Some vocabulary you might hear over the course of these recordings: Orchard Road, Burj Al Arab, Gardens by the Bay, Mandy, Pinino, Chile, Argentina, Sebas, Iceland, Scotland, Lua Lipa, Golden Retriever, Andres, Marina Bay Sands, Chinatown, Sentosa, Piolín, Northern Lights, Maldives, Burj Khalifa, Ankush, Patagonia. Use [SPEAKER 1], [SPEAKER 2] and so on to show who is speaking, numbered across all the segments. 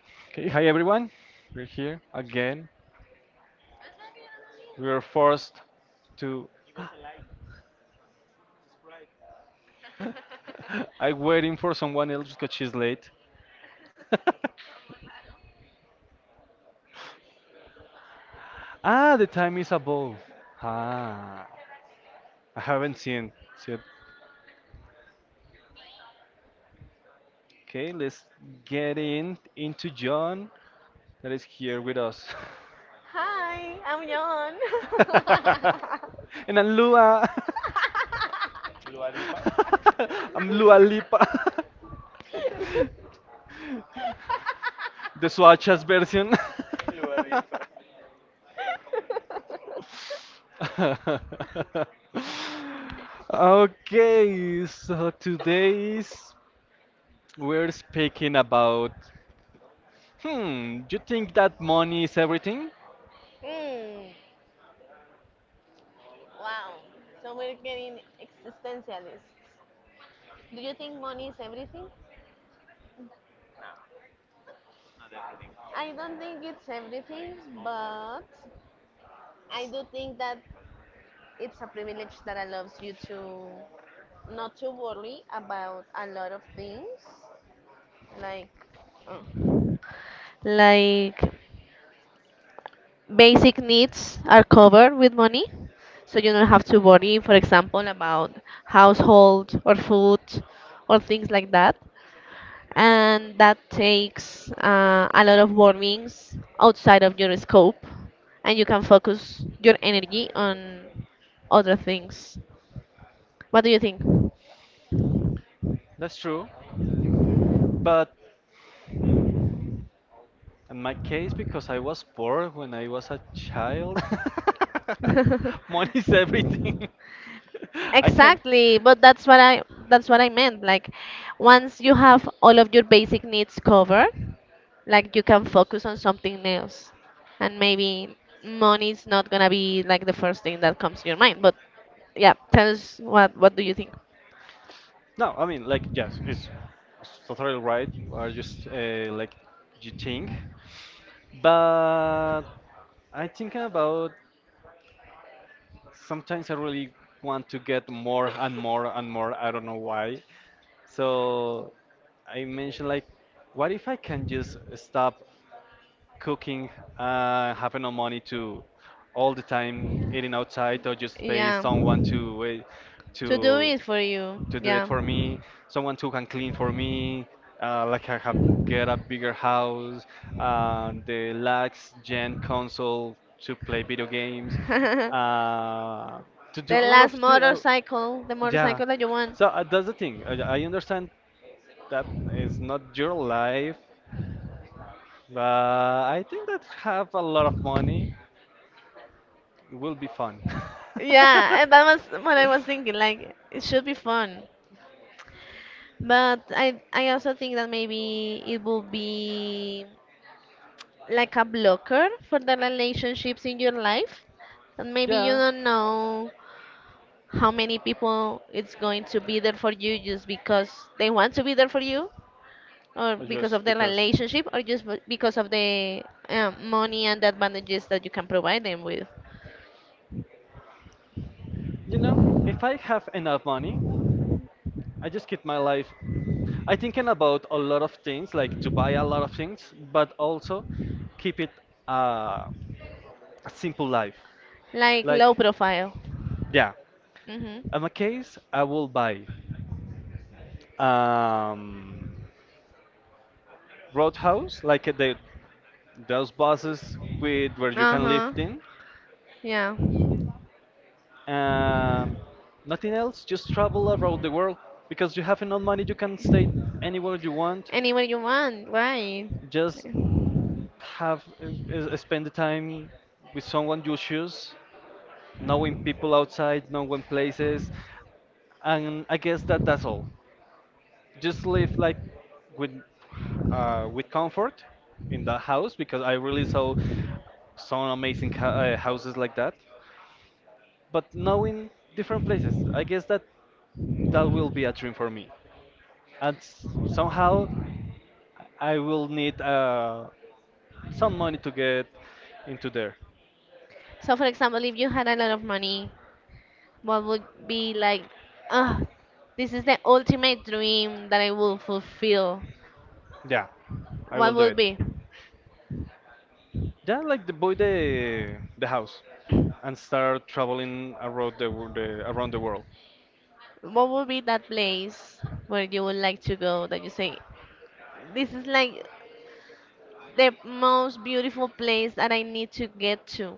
[SPEAKER 1] Okay, hi everyone. We're here again. We are forced to. I'm waiting for someone else because she's late. The time is above. Ah, I haven't seen. See it. Okay, let's get in into John that is here with us.
[SPEAKER 2] Hi, I'm John.
[SPEAKER 1] John. And I'm Lua. I'm Lua Lipa. The Swatchas version. Okay, so today's we're speaking about. Hmm, you think that money is everything?
[SPEAKER 2] mm, wow. So we're getting existentialists. Do you think money is everything? I don't think it's everything, but I do think that it's a privilege that allows you to not to worry about a lot of things, like. oh, like basic needs are covered with money. So you don't have to worry, for example, about household or food or things like that. And that takes a lot of warnings outside of your scope. And you can focus your energy on other things. What do you think?
[SPEAKER 1] That's true, but in my case, because I was poor when I was a child, money is everything. I can.
[SPEAKER 2] Exactly, but that's what I meant. Like once you have all of your basic needs covered, like you can focus on something else. And maybe money is not gonna be like the first thing that comes to your mind. But yeah, tell us what do you think?
[SPEAKER 1] No, I mean, like, yes, it's totally right. Or just like you think? But I think about sometimes I really want to get more and more and more. I don't know why. So I mentioned like, what if I can just stop cooking, having no money to all the time eating outside, or just pay
[SPEAKER 2] Yeah.
[SPEAKER 1] someone
[SPEAKER 2] To do
[SPEAKER 1] to
[SPEAKER 2] it for you.
[SPEAKER 1] to do it
[SPEAKER 2] Yeah.
[SPEAKER 1] for me, someone who can clean for me, like I have get a bigger house, the lax gen console to play video games,
[SPEAKER 2] The
[SPEAKER 1] uh, to do a lot of
[SPEAKER 2] last
[SPEAKER 1] things.
[SPEAKER 2] motorcycle, the
[SPEAKER 1] Yeah.
[SPEAKER 2] motorcycle that you want.
[SPEAKER 1] So that's the thing. I understand that it's not your life, but I think that have a lot of money, it will be fun.
[SPEAKER 2] Yeah, and that was what I was thinking. Like it should be fun. But I also think that maybe it will be like a blocker for the relationships in your life. And maybe you
[SPEAKER 1] Yeah.
[SPEAKER 2] don't know how many people it's going to be there for you just because they want to be there for you or
[SPEAKER 1] Or
[SPEAKER 2] because of
[SPEAKER 1] just
[SPEAKER 2] the
[SPEAKER 1] because.
[SPEAKER 2] relationship or just because of the money and the advantages that you can provide them with.
[SPEAKER 1] You know, if I have enough money, I just keep my life. I thinking about a lot of things, like to buy a lot of things, but also keep it, uh, a simple life.
[SPEAKER 2] Like low
[SPEAKER 1] Like,
[SPEAKER 2] profile.
[SPEAKER 1] yeah,
[SPEAKER 2] Mhm.
[SPEAKER 1] in my case, I will buy um, Roadhouse, like the those buses with where you can
[SPEAKER 2] Uh-huh.
[SPEAKER 1] lift in.
[SPEAKER 2] Yeah.
[SPEAKER 1] Um, Nothing else, just travel around the world because you have enough money, you can stay anywhere you want.
[SPEAKER 2] Anywhere you want, right?
[SPEAKER 1] Just have spend the time with someone you choose, knowing people outside, knowing places, and I guess that that's all. Just live like with with comfort in the house because I really saw some amazing houses like that. But knowing different places, I guess that that will be a dream for me. And somehow I will need some money to get into there.
[SPEAKER 2] So, for example, if you had a lot of money, what would be like, ah, this is the ultimate dream that I will fulfill?
[SPEAKER 1] Yeah, I
[SPEAKER 2] What
[SPEAKER 1] will do
[SPEAKER 2] would
[SPEAKER 1] it.
[SPEAKER 2] be?
[SPEAKER 1] Yeah, like the boy the house, and start traveling around the world.
[SPEAKER 2] What would be that place where you would like to go that you say, this is like the most beautiful place that I need to get to?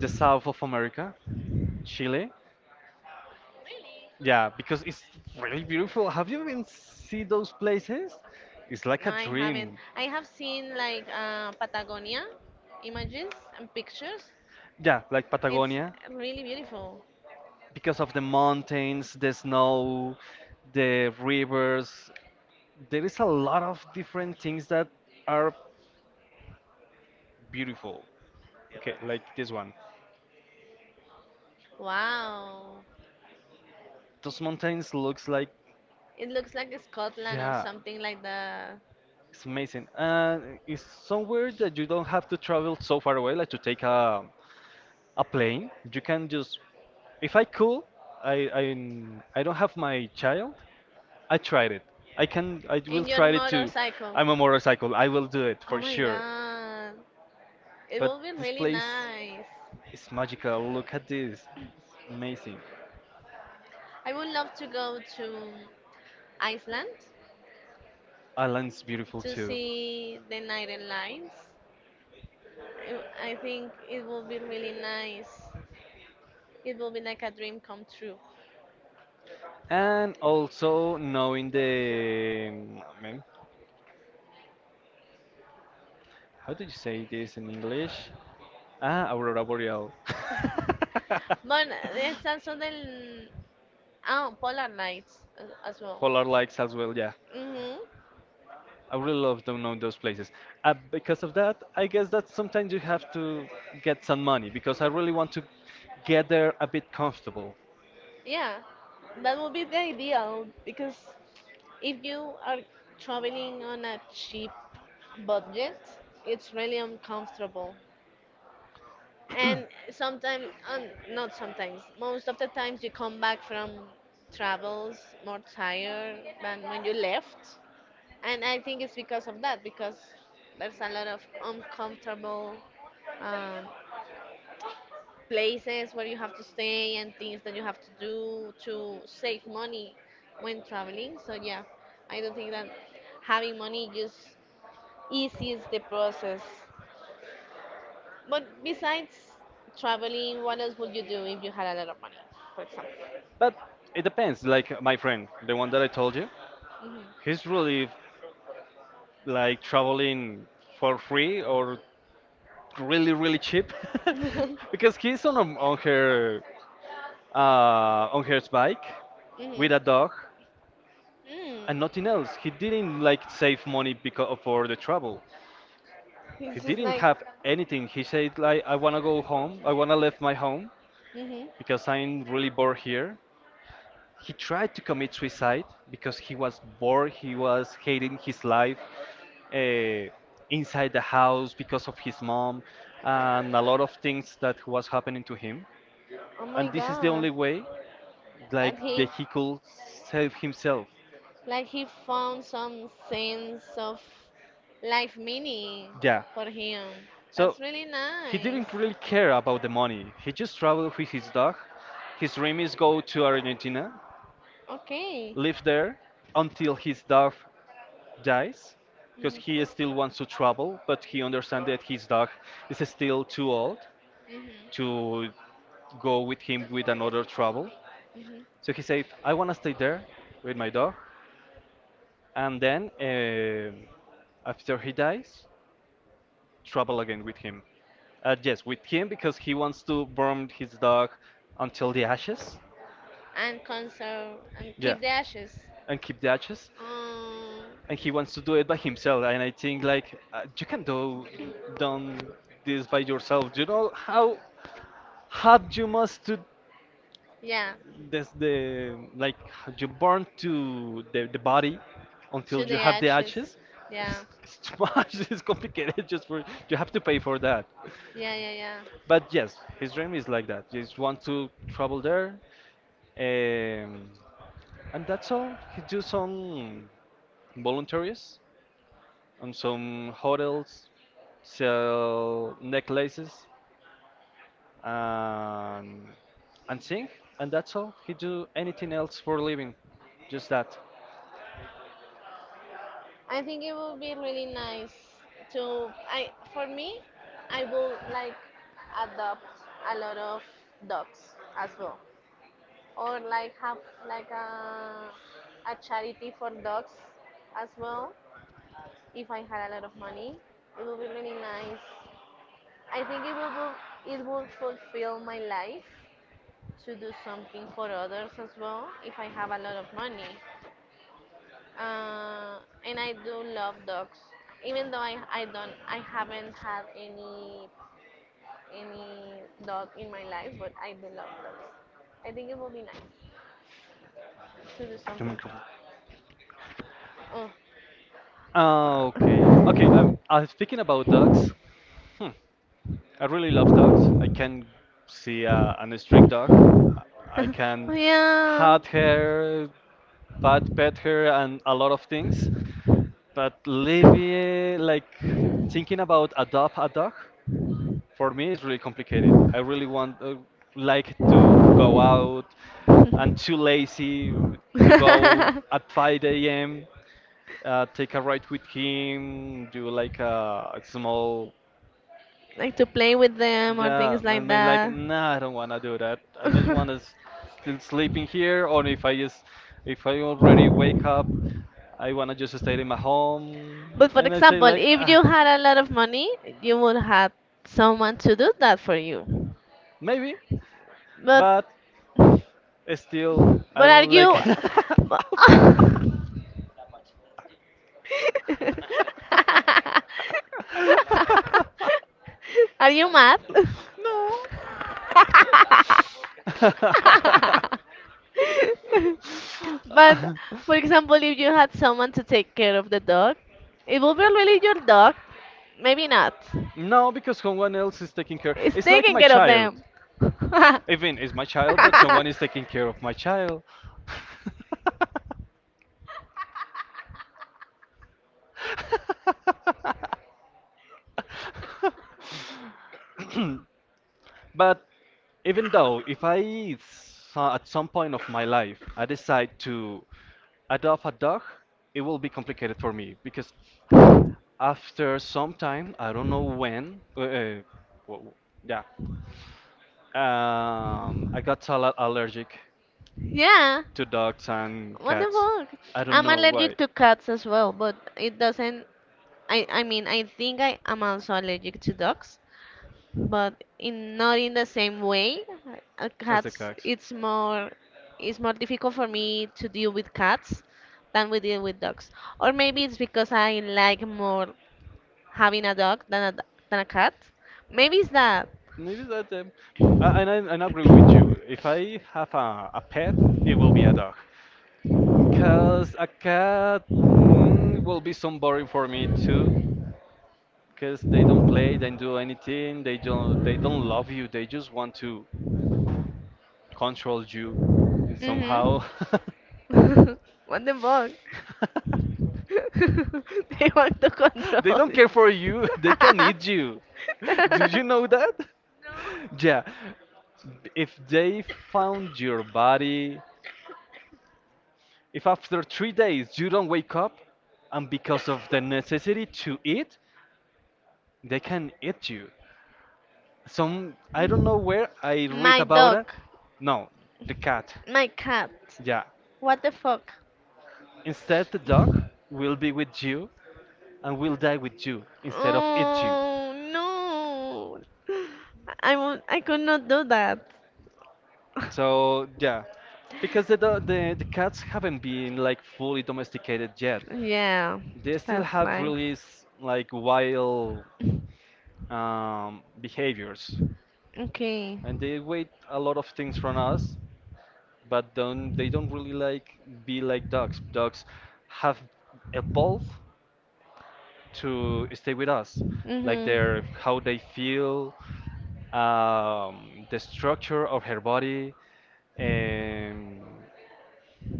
[SPEAKER 1] The south of America, Chile? Yeah, because it's really beautiful. Have you been see those places? It's like
[SPEAKER 2] No,
[SPEAKER 1] a
[SPEAKER 2] I haven't.
[SPEAKER 1] dream.
[SPEAKER 2] I have seen like Patagonia images and pictures.
[SPEAKER 1] Yeah, like
[SPEAKER 2] It's
[SPEAKER 1] Patagonia,
[SPEAKER 2] really beautiful.
[SPEAKER 1] because of the mountains, the snow, the rivers. There is a lot of different things that are beautiful. Okay, like this one.
[SPEAKER 2] Wow.
[SPEAKER 1] Those mountains looks like,
[SPEAKER 2] It looks like Scotland or
[SPEAKER 1] yeah.
[SPEAKER 2] something like that.
[SPEAKER 1] It's amazing. And it's somewhere that you don't have to travel so far away, like to take a plane. You can just, if I could, I I I don't have my child. I tried it. I can. I
[SPEAKER 2] In
[SPEAKER 1] will
[SPEAKER 2] your
[SPEAKER 1] try it too.
[SPEAKER 2] motorcycle.
[SPEAKER 1] I'm a motorcycle. I will do it
[SPEAKER 2] Oh
[SPEAKER 1] for
[SPEAKER 2] my
[SPEAKER 1] sure.
[SPEAKER 2] god. It
[SPEAKER 1] But
[SPEAKER 2] will be
[SPEAKER 1] this
[SPEAKER 2] really
[SPEAKER 1] place
[SPEAKER 2] nice.
[SPEAKER 1] is magical. Look at this. Amazing.
[SPEAKER 2] I would love to go to Iceland
[SPEAKER 1] Island's beautiful
[SPEAKER 2] to
[SPEAKER 1] too.
[SPEAKER 2] see the Northern Lights. I think it will be really nice. It will be like a dream come true.
[SPEAKER 1] And also knowing the, I mean, how do you say this in English? Ah, aurora boreal.
[SPEAKER 2] But it's also the oh, polar lights as well.
[SPEAKER 1] Polar Lights as well, yeah.
[SPEAKER 2] Mm-hmm.
[SPEAKER 1] I really love to know those places. Because of that, I guess that sometimes you have to get some money because I really want to get there a bit comfortable.
[SPEAKER 2] Yeah, that would be the ideal because if you are traveling on a cheap budget, it's really uncomfortable. And sometimes, not sometimes, most of the times you come back from travels more tired than when you left. And I think it's because of that, because there's a lot of uncomfortable um, places where you have to stay and things that you have to do to save money when traveling. So yeah, I don't think that having money just eases the process. But besides traveling, what else would you do if you had a lot of money, for example?
[SPEAKER 1] But it depends. Like my friend, the one that I told you, he's really like traveling for free or really really cheap,
[SPEAKER 2] Mhm.
[SPEAKER 1] because he's on her bike with
[SPEAKER 2] Mhm.
[SPEAKER 1] a dog
[SPEAKER 2] Mm.
[SPEAKER 1] and nothing else. He didn't like save money because for the travel. He
[SPEAKER 2] He's just
[SPEAKER 1] didn't
[SPEAKER 2] like,
[SPEAKER 1] have anything. He said like I wanna go home. I wanna leave my home
[SPEAKER 2] mhm.
[SPEAKER 1] because I'm really bored here. He tried to commit suicide because he was bored. He was hating his life uh, inside the house because of his mom and a lot of things that was happening to him.
[SPEAKER 2] Oh my
[SPEAKER 1] And this is the only
[SPEAKER 2] God,
[SPEAKER 1] way like
[SPEAKER 2] that he
[SPEAKER 1] that he could save himself.
[SPEAKER 2] like he found some sense of life meaning
[SPEAKER 1] Yeah,
[SPEAKER 2] for him.
[SPEAKER 1] so
[SPEAKER 2] That's really
[SPEAKER 1] he
[SPEAKER 2] nice.
[SPEAKER 1] didn't really care about the money. He just traveled with his dog. His dream is go to Argentina,
[SPEAKER 2] Okay.
[SPEAKER 1] live there until his dog dies, because
[SPEAKER 2] Mhm.
[SPEAKER 1] he still wants to travel, but he understands that his dog is still too old
[SPEAKER 2] Mhm.
[SPEAKER 1] to go with him with another travel.
[SPEAKER 2] Mhm.
[SPEAKER 1] So he said, "I wanna stay there with my dog," and then after he dies, trouble again with him. Yes, with him because he wants to burn his dog until the ashes.
[SPEAKER 2] And conserve and
[SPEAKER 1] Yeah,
[SPEAKER 2] keep the ashes.
[SPEAKER 1] and keep the ashes.
[SPEAKER 2] Um.
[SPEAKER 1] And he wants to do it by himself. And I think like you can do done this by yourself. You know how hard you must to
[SPEAKER 2] Yeah.
[SPEAKER 1] this the like how you burn to the body until
[SPEAKER 2] To
[SPEAKER 1] you
[SPEAKER 2] the
[SPEAKER 1] have the
[SPEAKER 2] ashes.
[SPEAKER 1] ashes.
[SPEAKER 2] Yeah,
[SPEAKER 1] It's too much. It's complicated. Just for you have to pay for that.
[SPEAKER 2] yeah, yeah, yeah.
[SPEAKER 1] But yes, his dream is like that. Just want to travel there, um, and that's all. He do some voluntaries on some hotels, sell necklaces, and and sing, and that's all. He do anything else for living, just that.
[SPEAKER 2] I think it would be really nice to. I for me, I will like adopt a lot of dogs as well, or like have like a charity for dogs as well. If I had a lot of money, it would be really nice. I think it would it would fulfill my life to do something for others as well if I have a lot of money. uh, and I do love dogs. Even though I haven't had any dog in my life, but I do love dogs. I think it would be nice to do
[SPEAKER 1] The
[SPEAKER 2] something.
[SPEAKER 1] microphone.
[SPEAKER 2] Oh,
[SPEAKER 1] Okay, okay. I'm speaking about dogs. Hmm. I really love dogs. I can see an strict dog. I can
[SPEAKER 2] oh
[SPEAKER 1] hug her, pet her, and a lot of things. But living like thinking
[SPEAKER 2] yeah.
[SPEAKER 1] about adopt a dog for me is really complicated. I really want like to go out. I'm too lazy to go at 5 a.m. Take a ride with him, do like a small,
[SPEAKER 2] Like to play with them or
[SPEAKER 1] yeah,
[SPEAKER 2] things
[SPEAKER 1] and
[SPEAKER 2] like
[SPEAKER 1] I'm like,
[SPEAKER 2] that.
[SPEAKER 1] nah, I don't wanna do that. I just
[SPEAKER 2] But
[SPEAKER 1] wanna s still sleeping here, or if I just, if I already wake up, I wanna just stay in my home.
[SPEAKER 2] for
[SPEAKER 1] And I say
[SPEAKER 2] example,
[SPEAKER 1] like,
[SPEAKER 2] if you had a lot of money, you would have someone to do that for you.
[SPEAKER 1] maybe,
[SPEAKER 2] But
[SPEAKER 1] but still, I
[SPEAKER 2] but are
[SPEAKER 1] don't like.
[SPEAKER 2] you? but- are you mad? But
[SPEAKER 1] No.
[SPEAKER 2] for example, if you had someone to take care of the dog, it would be really your dog. Maybe not.
[SPEAKER 1] No, because someone else is taking care.
[SPEAKER 2] It's
[SPEAKER 1] It's like
[SPEAKER 2] taking
[SPEAKER 1] my
[SPEAKER 2] care of
[SPEAKER 1] child.
[SPEAKER 2] them.
[SPEAKER 1] Even it's my child, but someone is taking care of my child. But even though if I at some point of my life I decide to adopt a dog, it will be complicated for me because after some time, I don't know when, yeah, I got al allergic
[SPEAKER 2] Yeah.
[SPEAKER 1] to dogs and
[SPEAKER 2] What the
[SPEAKER 1] cats. I
[SPEAKER 2] fuck?
[SPEAKER 1] don't
[SPEAKER 2] I'm
[SPEAKER 1] know
[SPEAKER 2] allergic
[SPEAKER 1] why.
[SPEAKER 2] to cats as well, but it doesn't. I mean, I think I am also allergic to dogs, but in not in the same way.
[SPEAKER 1] As the
[SPEAKER 2] Cats,
[SPEAKER 1] cats.
[SPEAKER 2] it's more difficult for me to deal with cats than we deal with dogs. Or maybe it's because I like more having a dog than a than a cat. Maybe it's that.
[SPEAKER 1] Maybe that. And I agree with you. If I have a pet, it will be a dog. Because a cat, will be some boring for me too. Because they don't play, they don't do anything, they don't love you, they just want to control you in
[SPEAKER 2] Mhm.
[SPEAKER 1] somehow.
[SPEAKER 2] Manden vos. They want to
[SPEAKER 1] They
[SPEAKER 2] control.
[SPEAKER 1] don't care for you, they can eat you. Did you know that? Yeah. If they found your body, if after 3 days you don't wake up, and because of the necessity to eat, they can eat you. Some I don't know where I read
[SPEAKER 2] My
[SPEAKER 1] about
[SPEAKER 2] dog.
[SPEAKER 1] it. No, the cat.
[SPEAKER 2] My cat.
[SPEAKER 1] Yeah,
[SPEAKER 2] What the fuck?
[SPEAKER 1] instead, the dog will be with you and will die with you instead of eat you.
[SPEAKER 2] Oh no. I won't, I could not do that.
[SPEAKER 1] So yeah, because the, do- the cats haven't been like fully domesticated yet.
[SPEAKER 2] Yeah,
[SPEAKER 1] They still
[SPEAKER 2] that's
[SPEAKER 1] have
[SPEAKER 2] right.
[SPEAKER 1] really like wild behaviors,
[SPEAKER 2] Okay.
[SPEAKER 1] and they wait a lot of things from us, but don't they don't really like be like dogs. Dogs have evolved to stay with us, like
[SPEAKER 2] Mhm.
[SPEAKER 1] their how they feel, the structure of her body. And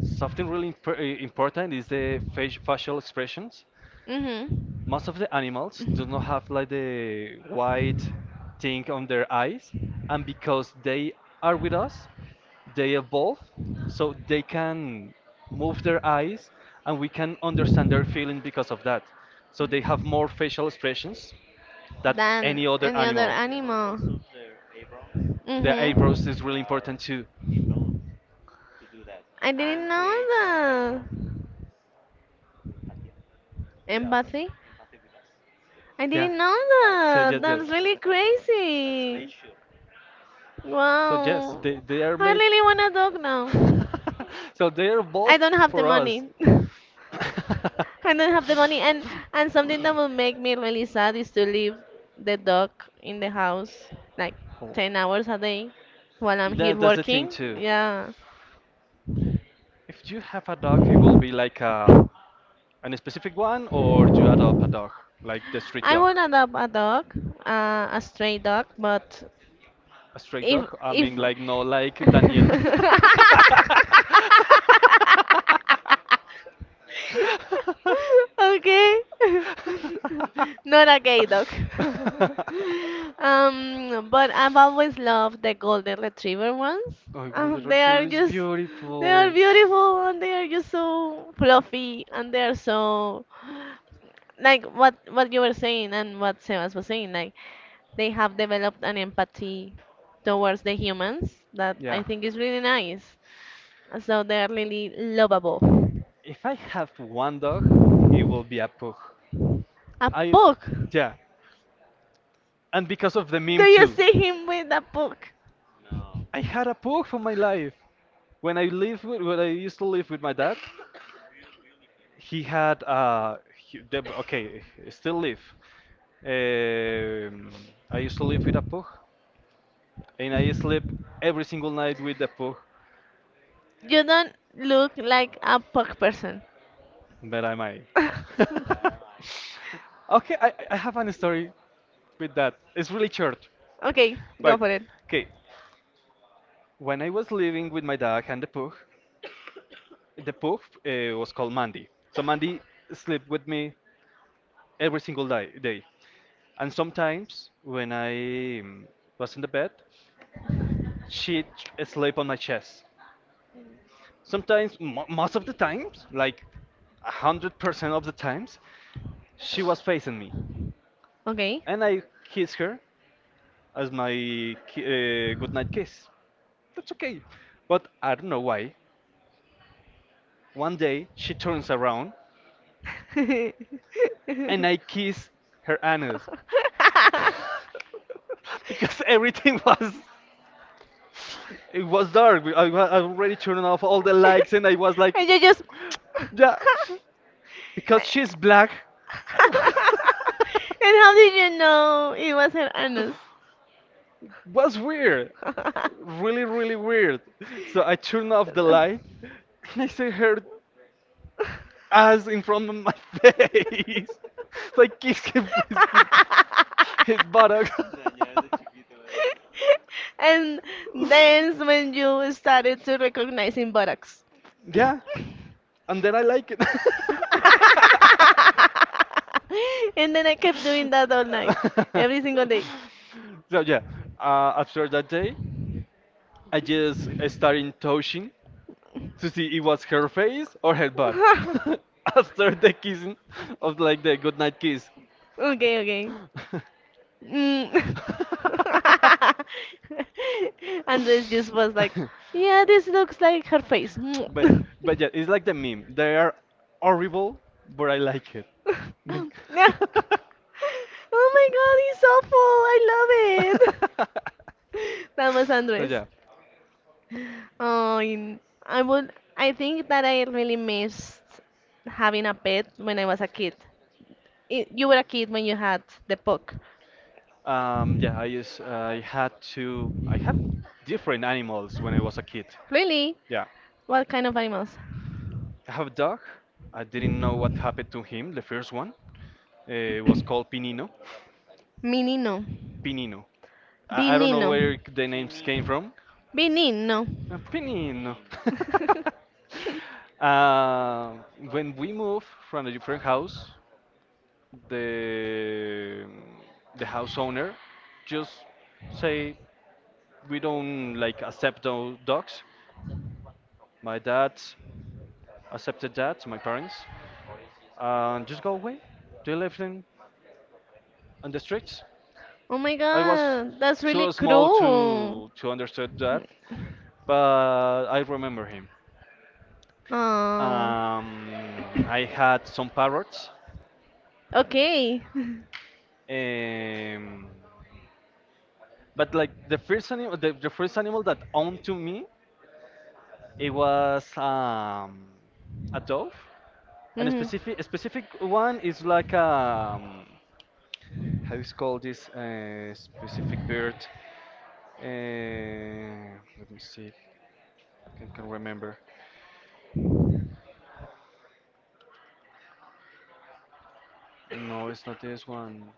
[SPEAKER 1] something really important is the facial expressions.
[SPEAKER 2] Mhm.
[SPEAKER 1] Most of the animals do not have like the white thing on their eyes, and because they are with us, they evolve so they can move their eyes and we can understand their feeling because of that. So they have more facial expressions than
[SPEAKER 2] Than
[SPEAKER 1] any other
[SPEAKER 2] any other
[SPEAKER 1] animal.
[SPEAKER 2] animal.
[SPEAKER 1] The eyebrows is
[SPEAKER 2] Mhm.
[SPEAKER 1] really important too.
[SPEAKER 2] I didn't know that. Empathy. I
[SPEAKER 1] Yeah.
[SPEAKER 2] didn't know
[SPEAKER 1] So
[SPEAKER 2] that.
[SPEAKER 1] yes, yes.
[SPEAKER 2] That's really crazy.
[SPEAKER 1] So yes,
[SPEAKER 2] Wow.
[SPEAKER 1] they are
[SPEAKER 2] I
[SPEAKER 1] made.
[SPEAKER 2] really want a dog now.
[SPEAKER 1] So they are
[SPEAKER 2] I
[SPEAKER 1] both
[SPEAKER 2] don't have the
[SPEAKER 1] for us.
[SPEAKER 2] money. I don't have the money and something that will make me really sad is to leave the dog in the house like
[SPEAKER 1] Oh.
[SPEAKER 2] 10 hours a day while I'm here
[SPEAKER 1] That's the thing
[SPEAKER 2] working.
[SPEAKER 1] too.
[SPEAKER 2] Yeah.
[SPEAKER 1] If you have a dog, it will be like an specific one, or do you adopt a dog, like the street
[SPEAKER 2] I
[SPEAKER 1] dog?
[SPEAKER 2] would adopt a dog, a stray dog, but
[SPEAKER 1] A straight
[SPEAKER 2] if
[SPEAKER 1] dog? I
[SPEAKER 2] if
[SPEAKER 1] mean, like, no, like Daniel.
[SPEAKER 2] Okay. Not a gay dog. But I've always loved the golden retriever ones.
[SPEAKER 1] Oh, Golden
[SPEAKER 2] They
[SPEAKER 1] Retriever
[SPEAKER 2] are
[SPEAKER 1] is
[SPEAKER 2] just they are
[SPEAKER 1] beautiful.
[SPEAKER 2] beautiful and they are just so fluffy and they are so like what you were saying and what Sebas was saying, like they have developed an empathy towards the humans that
[SPEAKER 1] Yeah.
[SPEAKER 2] I think is really nice. So they are really lovable.
[SPEAKER 1] If I have one dog, it will be a pug.
[SPEAKER 2] A
[SPEAKER 1] I,
[SPEAKER 2] pug.
[SPEAKER 1] yeah, and because of the
[SPEAKER 2] Do
[SPEAKER 1] meme
[SPEAKER 2] you
[SPEAKER 1] too.
[SPEAKER 2] see him with a poke?
[SPEAKER 1] I had a pug for my life. When I used to live with my dad, he had still live. I used to live with a pug, and I sleep every single night with the pug
[SPEAKER 2] You don't look like a poke person.
[SPEAKER 1] that I made. Okay, I have a story with that. It's really short,
[SPEAKER 2] Okay, go
[SPEAKER 1] but
[SPEAKER 2] for it.
[SPEAKER 1] okay. When I was living with my dog and the pug was called Mandy. So Mandy slept with me every single day. And sometimes when I was in the bed, she slept on my chest. Sometimes, mo most of the times, like 100% of the times, she was facing me,
[SPEAKER 2] Okay.
[SPEAKER 1] and I kiss her as my ki goodnight kiss. That's okay, but I don't know why. One day she turns around,
[SPEAKER 2] And
[SPEAKER 1] and I kiss her anus because everything was it was dark. I already turned off all the lights, and I was like,
[SPEAKER 2] you just.
[SPEAKER 1] yeah, because
[SPEAKER 2] And
[SPEAKER 1] she's black.
[SPEAKER 2] how did you know it was her anus?
[SPEAKER 1] was weird. Really, really weird. So I turned off the light and I see her ass in front of my face. So I kissed his buttock.
[SPEAKER 2] ¿verdad? And then when you started to recognizing buttocks.
[SPEAKER 1] yeah, and then I like it.
[SPEAKER 2] And then I kept doing that all night, every single day.
[SPEAKER 1] so yeah, after that day, I just started touching to see it was her face or her butt after the kissing of like the goodnight kiss.
[SPEAKER 2] Okay, okay. Mm. Andres just was like, yeah, this looks like her face.
[SPEAKER 1] but but yeah, it's like the meme. They are horrible, but I like it. Meme.
[SPEAKER 2] Yeah. Oh my god, he's awful. I love it. That was
[SPEAKER 1] so
[SPEAKER 2] Andres.
[SPEAKER 1] yeah.
[SPEAKER 2] Oh, in- I would. I think that I really missed having a pet when I was a kid. I you were a kid when you had the puck.
[SPEAKER 1] Yeah, I used I had to I had different animals when I was a kid.
[SPEAKER 2] Really?
[SPEAKER 1] Yeah,
[SPEAKER 2] What kind of animals?
[SPEAKER 1] I have a dog. I didn't know what happened to him. The first one was called Pinino.
[SPEAKER 2] Menino.
[SPEAKER 1] Pinino. I don't know
[SPEAKER 2] Benino.
[SPEAKER 1] where the names came from.
[SPEAKER 2] Benino.
[SPEAKER 1] Pinino. Uh, when we moved from a different house, the the house owner just say we don't like accept no dogs. My dad accepted that to my parents and just go away. They left him on the streets.
[SPEAKER 2] Oh my
[SPEAKER 1] I was
[SPEAKER 2] god, that's really
[SPEAKER 1] too small
[SPEAKER 2] cruel.
[SPEAKER 1] to understand that, but I remember him.
[SPEAKER 2] Um,
[SPEAKER 1] Um, I had some parrots,
[SPEAKER 2] okay.
[SPEAKER 1] um, but like the first animal, the first animal that owned to me, it was a dove. And a
[SPEAKER 2] hmm
[SPEAKER 1] specific a specific one is like, how is called this specific bird? Uh, let me see. I can remember. No, it's not this one.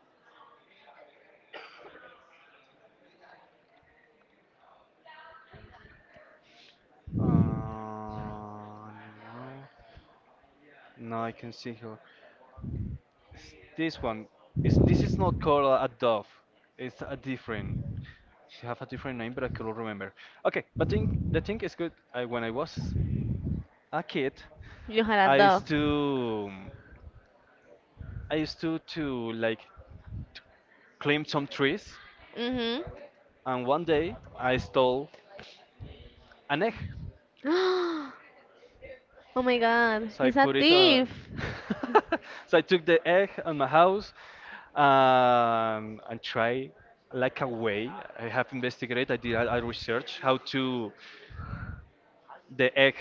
[SPEAKER 1] Uh, no. No, I can see here. It's this one. This is not called a dove. It's a different. She have a different name, but I cannot remember. Okay, but the thing is good. When I was a kid,
[SPEAKER 2] You had a
[SPEAKER 1] I
[SPEAKER 2] dove.
[SPEAKER 1] used to, I used to like climb some trees. And one day I stole an egg.
[SPEAKER 2] Mm-hmm. Oh my God,
[SPEAKER 1] So I
[SPEAKER 2] he's a
[SPEAKER 1] put it.
[SPEAKER 2] thief.
[SPEAKER 1] So I took the egg on my house, and try like a way. I have investigated. I did a research how to the egg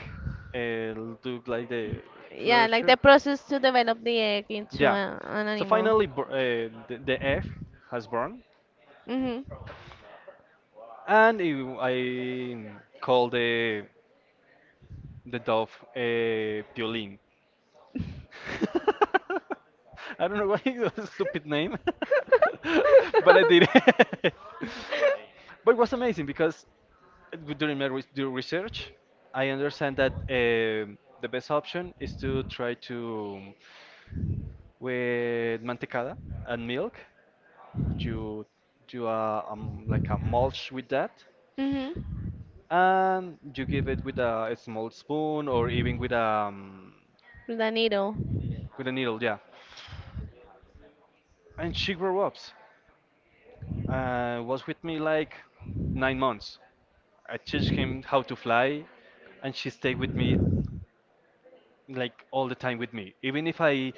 [SPEAKER 1] uh, do like the
[SPEAKER 2] Yeah, like
[SPEAKER 1] closure.
[SPEAKER 2] the process to develop the egg into
[SPEAKER 1] Yeah.
[SPEAKER 2] an
[SPEAKER 1] So
[SPEAKER 2] animal.
[SPEAKER 1] finally, the egg has burned,
[SPEAKER 2] Mm-hmm.
[SPEAKER 1] and I call the dove Piolín. I don't know why. it was a stupid name, but I did it. but it was amazing because during my do research, I understand that the best option is to try to with mantecada and milk. You do a like a mulch with that,
[SPEAKER 2] Mm-hmm.
[SPEAKER 1] and you give it with a small spoon or even with um,
[SPEAKER 2] With a needle.
[SPEAKER 1] a needle. Yeah, and she grew up. Was with me like 9 months. I teach him how to fly, and she stayed with me like all the time with me. Even if I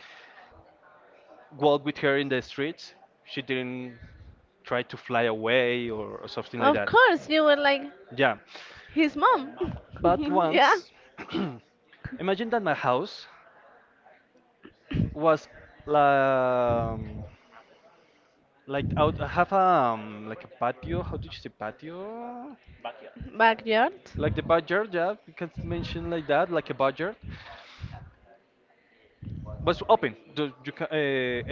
[SPEAKER 1] walked with her in the streets, she didn't try to fly away, or something like
[SPEAKER 2] Of
[SPEAKER 1] that.
[SPEAKER 2] course, you were like
[SPEAKER 1] Yeah,
[SPEAKER 2] his mom.
[SPEAKER 1] but
[SPEAKER 2] Yeah.
[SPEAKER 1] once, imagine that my house was, um, like out I have a, like a patio. How did you say patio?
[SPEAKER 2] Backyard.
[SPEAKER 1] Like the budget, yeah, you can mention like that, like a budget. Was open. The, you ca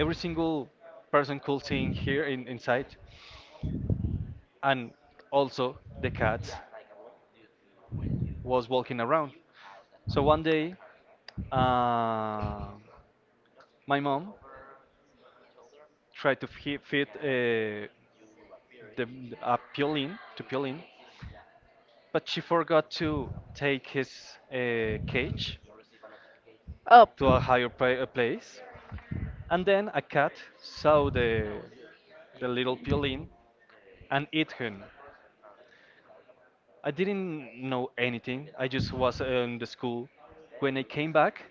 [SPEAKER 1] every single person could sing here inside, and also the cat was walking around. So one day, uh, my mom tried to feed, the a piolin to piolin, but she forgot to take his cage
[SPEAKER 2] Up.
[SPEAKER 1] to a higher place. And then a cat saw the little piolin and ate him. I didn't know anything. I just was in the school. When I came back,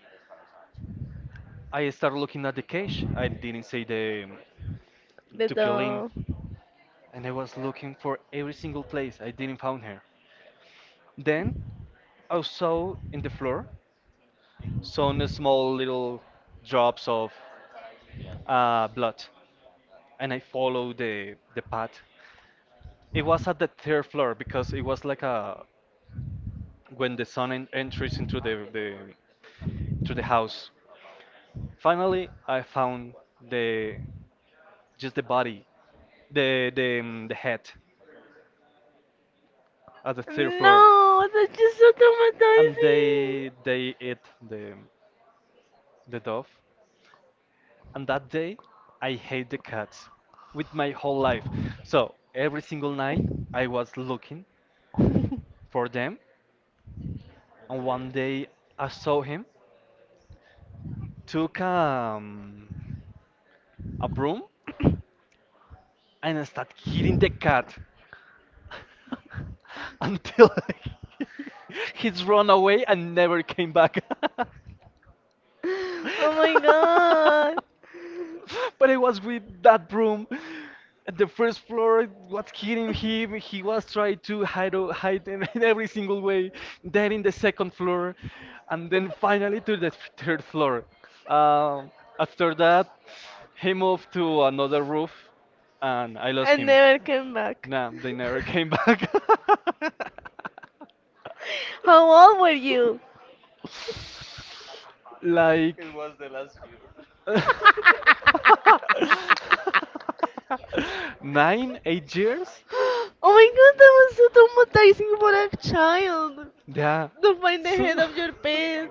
[SPEAKER 1] I started looking at the cage. I didn't see the
[SPEAKER 2] The
[SPEAKER 1] to Piolín,
[SPEAKER 2] door.
[SPEAKER 1] and I was looking for every single place. I didn't find her. Then I saw in the floor some small little drops of blood, and I followed the path. It was at the third floor because it was like a when the son enters into the into the house. Finally, I found the just the body, the head at the third floor,
[SPEAKER 2] No, that's just so
[SPEAKER 1] and
[SPEAKER 2] traumatizing.
[SPEAKER 1] they they eat the the dove. And that day, I hate the cats with my whole life. So every single night, I was looking for them, and one day I saw him took a broom and start hitting the cat. until he's run away and never came back.
[SPEAKER 2] Oh my god.
[SPEAKER 1] but it was with that broom. At the first floor it was hitting him. He was trying to hide in, in every single way. Then in the second floor, and then finally to the third floor. Um, after that, he moved to another roof, and I lost
[SPEAKER 2] I
[SPEAKER 1] him.
[SPEAKER 2] never came back.
[SPEAKER 1] Nah, they never came back.
[SPEAKER 2] How old were you?
[SPEAKER 1] Like. 9, 8 years?
[SPEAKER 2] Oh my god, that was so traumatizing for a child
[SPEAKER 1] Yeah.
[SPEAKER 2] to find the
[SPEAKER 1] So.
[SPEAKER 2] head of your pet.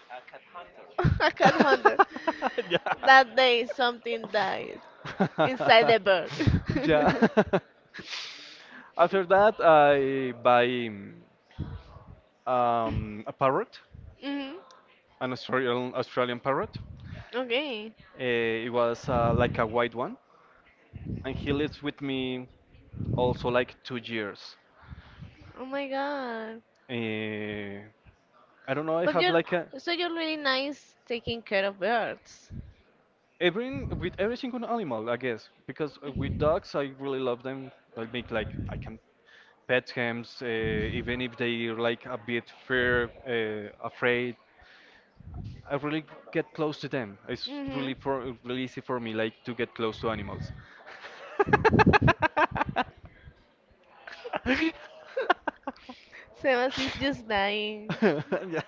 [SPEAKER 2] A cat hunter.
[SPEAKER 1] Yeah.
[SPEAKER 2] That day, something died inside the bird.
[SPEAKER 1] Yeah. After that, I buy a parrot,
[SPEAKER 2] Mhm.
[SPEAKER 1] an Australian parrot.
[SPEAKER 2] Okay.
[SPEAKER 1] Uh, it was like a white one, and he lives with me also like 2 years.
[SPEAKER 2] Oh my god.
[SPEAKER 1] Uh, I don't know. I
[SPEAKER 2] But
[SPEAKER 1] have
[SPEAKER 2] you're
[SPEAKER 1] like a
[SPEAKER 2] so you're really nice taking care of birds.
[SPEAKER 1] every with every single animal, I guess, because with dogs I really love them. I make like I can pet them, even if they are like a bit afraid. I really get close to them. It's
[SPEAKER 2] Mhm.
[SPEAKER 1] really easy for me like to get close to animals.
[SPEAKER 2] Sebas is just dying.
[SPEAKER 1] Yeah.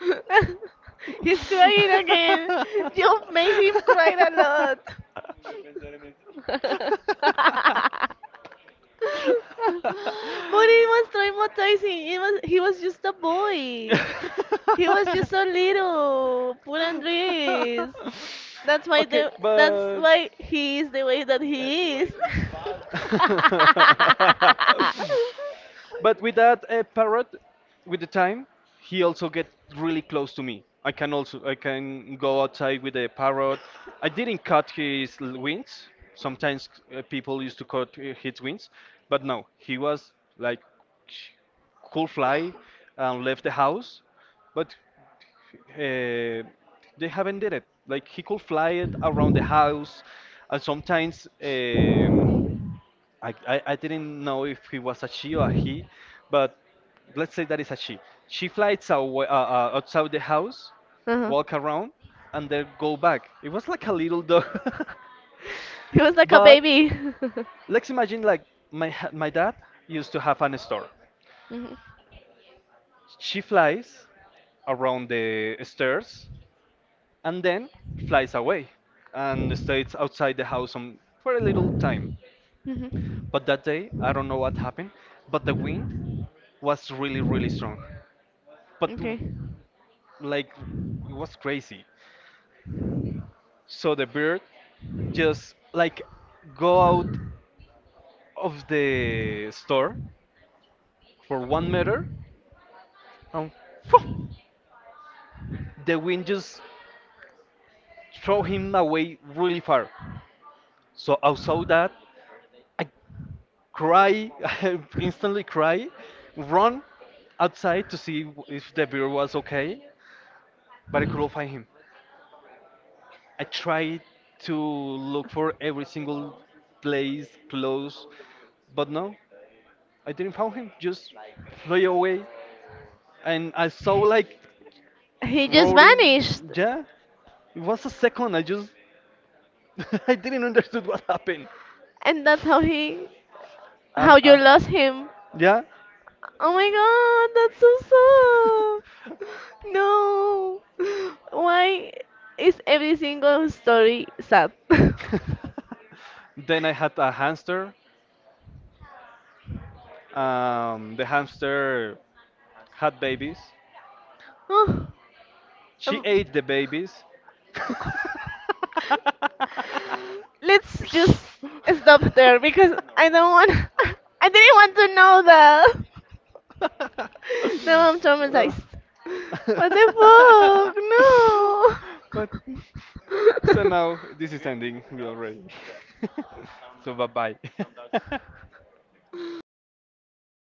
[SPEAKER 2] He's crying again. You made him cry a lot. But it was traumatizing. It was he was just a boy. He was just so little. Poor Andres. That's why
[SPEAKER 1] Okay,
[SPEAKER 2] the that's
[SPEAKER 1] but
[SPEAKER 2] why he is the way that he is.
[SPEAKER 1] but with that parrot, with the time, he also get really close to me. I can go outside with a parrot. I didn't cut his wings. Sometimes people used to cut his wings, but no, he was like sh- cool fly and left the house. But uh, they haven't did it. Like he could fly it around the house, and sometimes. I didn't know if he was a she or a he, but let's say that is a she. She flies away, outside the house,
[SPEAKER 2] Uh-huh.
[SPEAKER 1] walk around, and then go back. It was like a little dog.
[SPEAKER 2] He was like a
[SPEAKER 1] but
[SPEAKER 2] baby.
[SPEAKER 1] let's imagine like my dad used to have an store.
[SPEAKER 2] Mhm,
[SPEAKER 1] She flies around the stairs and then flies away and stays outside the house for a little time.
[SPEAKER 2] mhm.
[SPEAKER 1] But that day, I don't know what happened, but the wind was really, really strong. But
[SPEAKER 2] Okay.
[SPEAKER 1] like it was crazy. So the bird just like go out of the store for 1 meter and phew, the wind just throw him away really far. So I saw that I cry, I instantly cry, run outside to see if the bird was okay, but I couldn't find him. I tried to look for every single place close, but no. I didn't found him, just flew away. And I saw like
[SPEAKER 2] He just vanished.
[SPEAKER 1] roaring. Yeah, it was a second. I just I didn't understood what happened.
[SPEAKER 2] And that's how he
[SPEAKER 1] And
[SPEAKER 2] how you lost him.
[SPEAKER 1] yeah.
[SPEAKER 2] Oh my god, that's so sad. No. Why is every single story sad?
[SPEAKER 1] then I had a hamster. The hamster had babies.
[SPEAKER 2] Oh,
[SPEAKER 1] She
[SPEAKER 2] um,
[SPEAKER 1] ate the babies.
[SPEAKER 2] let's just stop there because I don't want. I didn't want to know that. Now I'm traumatized. What the
[SPEAKER 1] but so
[SPEAKER 2] fuck? No.
[SPEAKER 1] now this is ending. We already. so bye bye.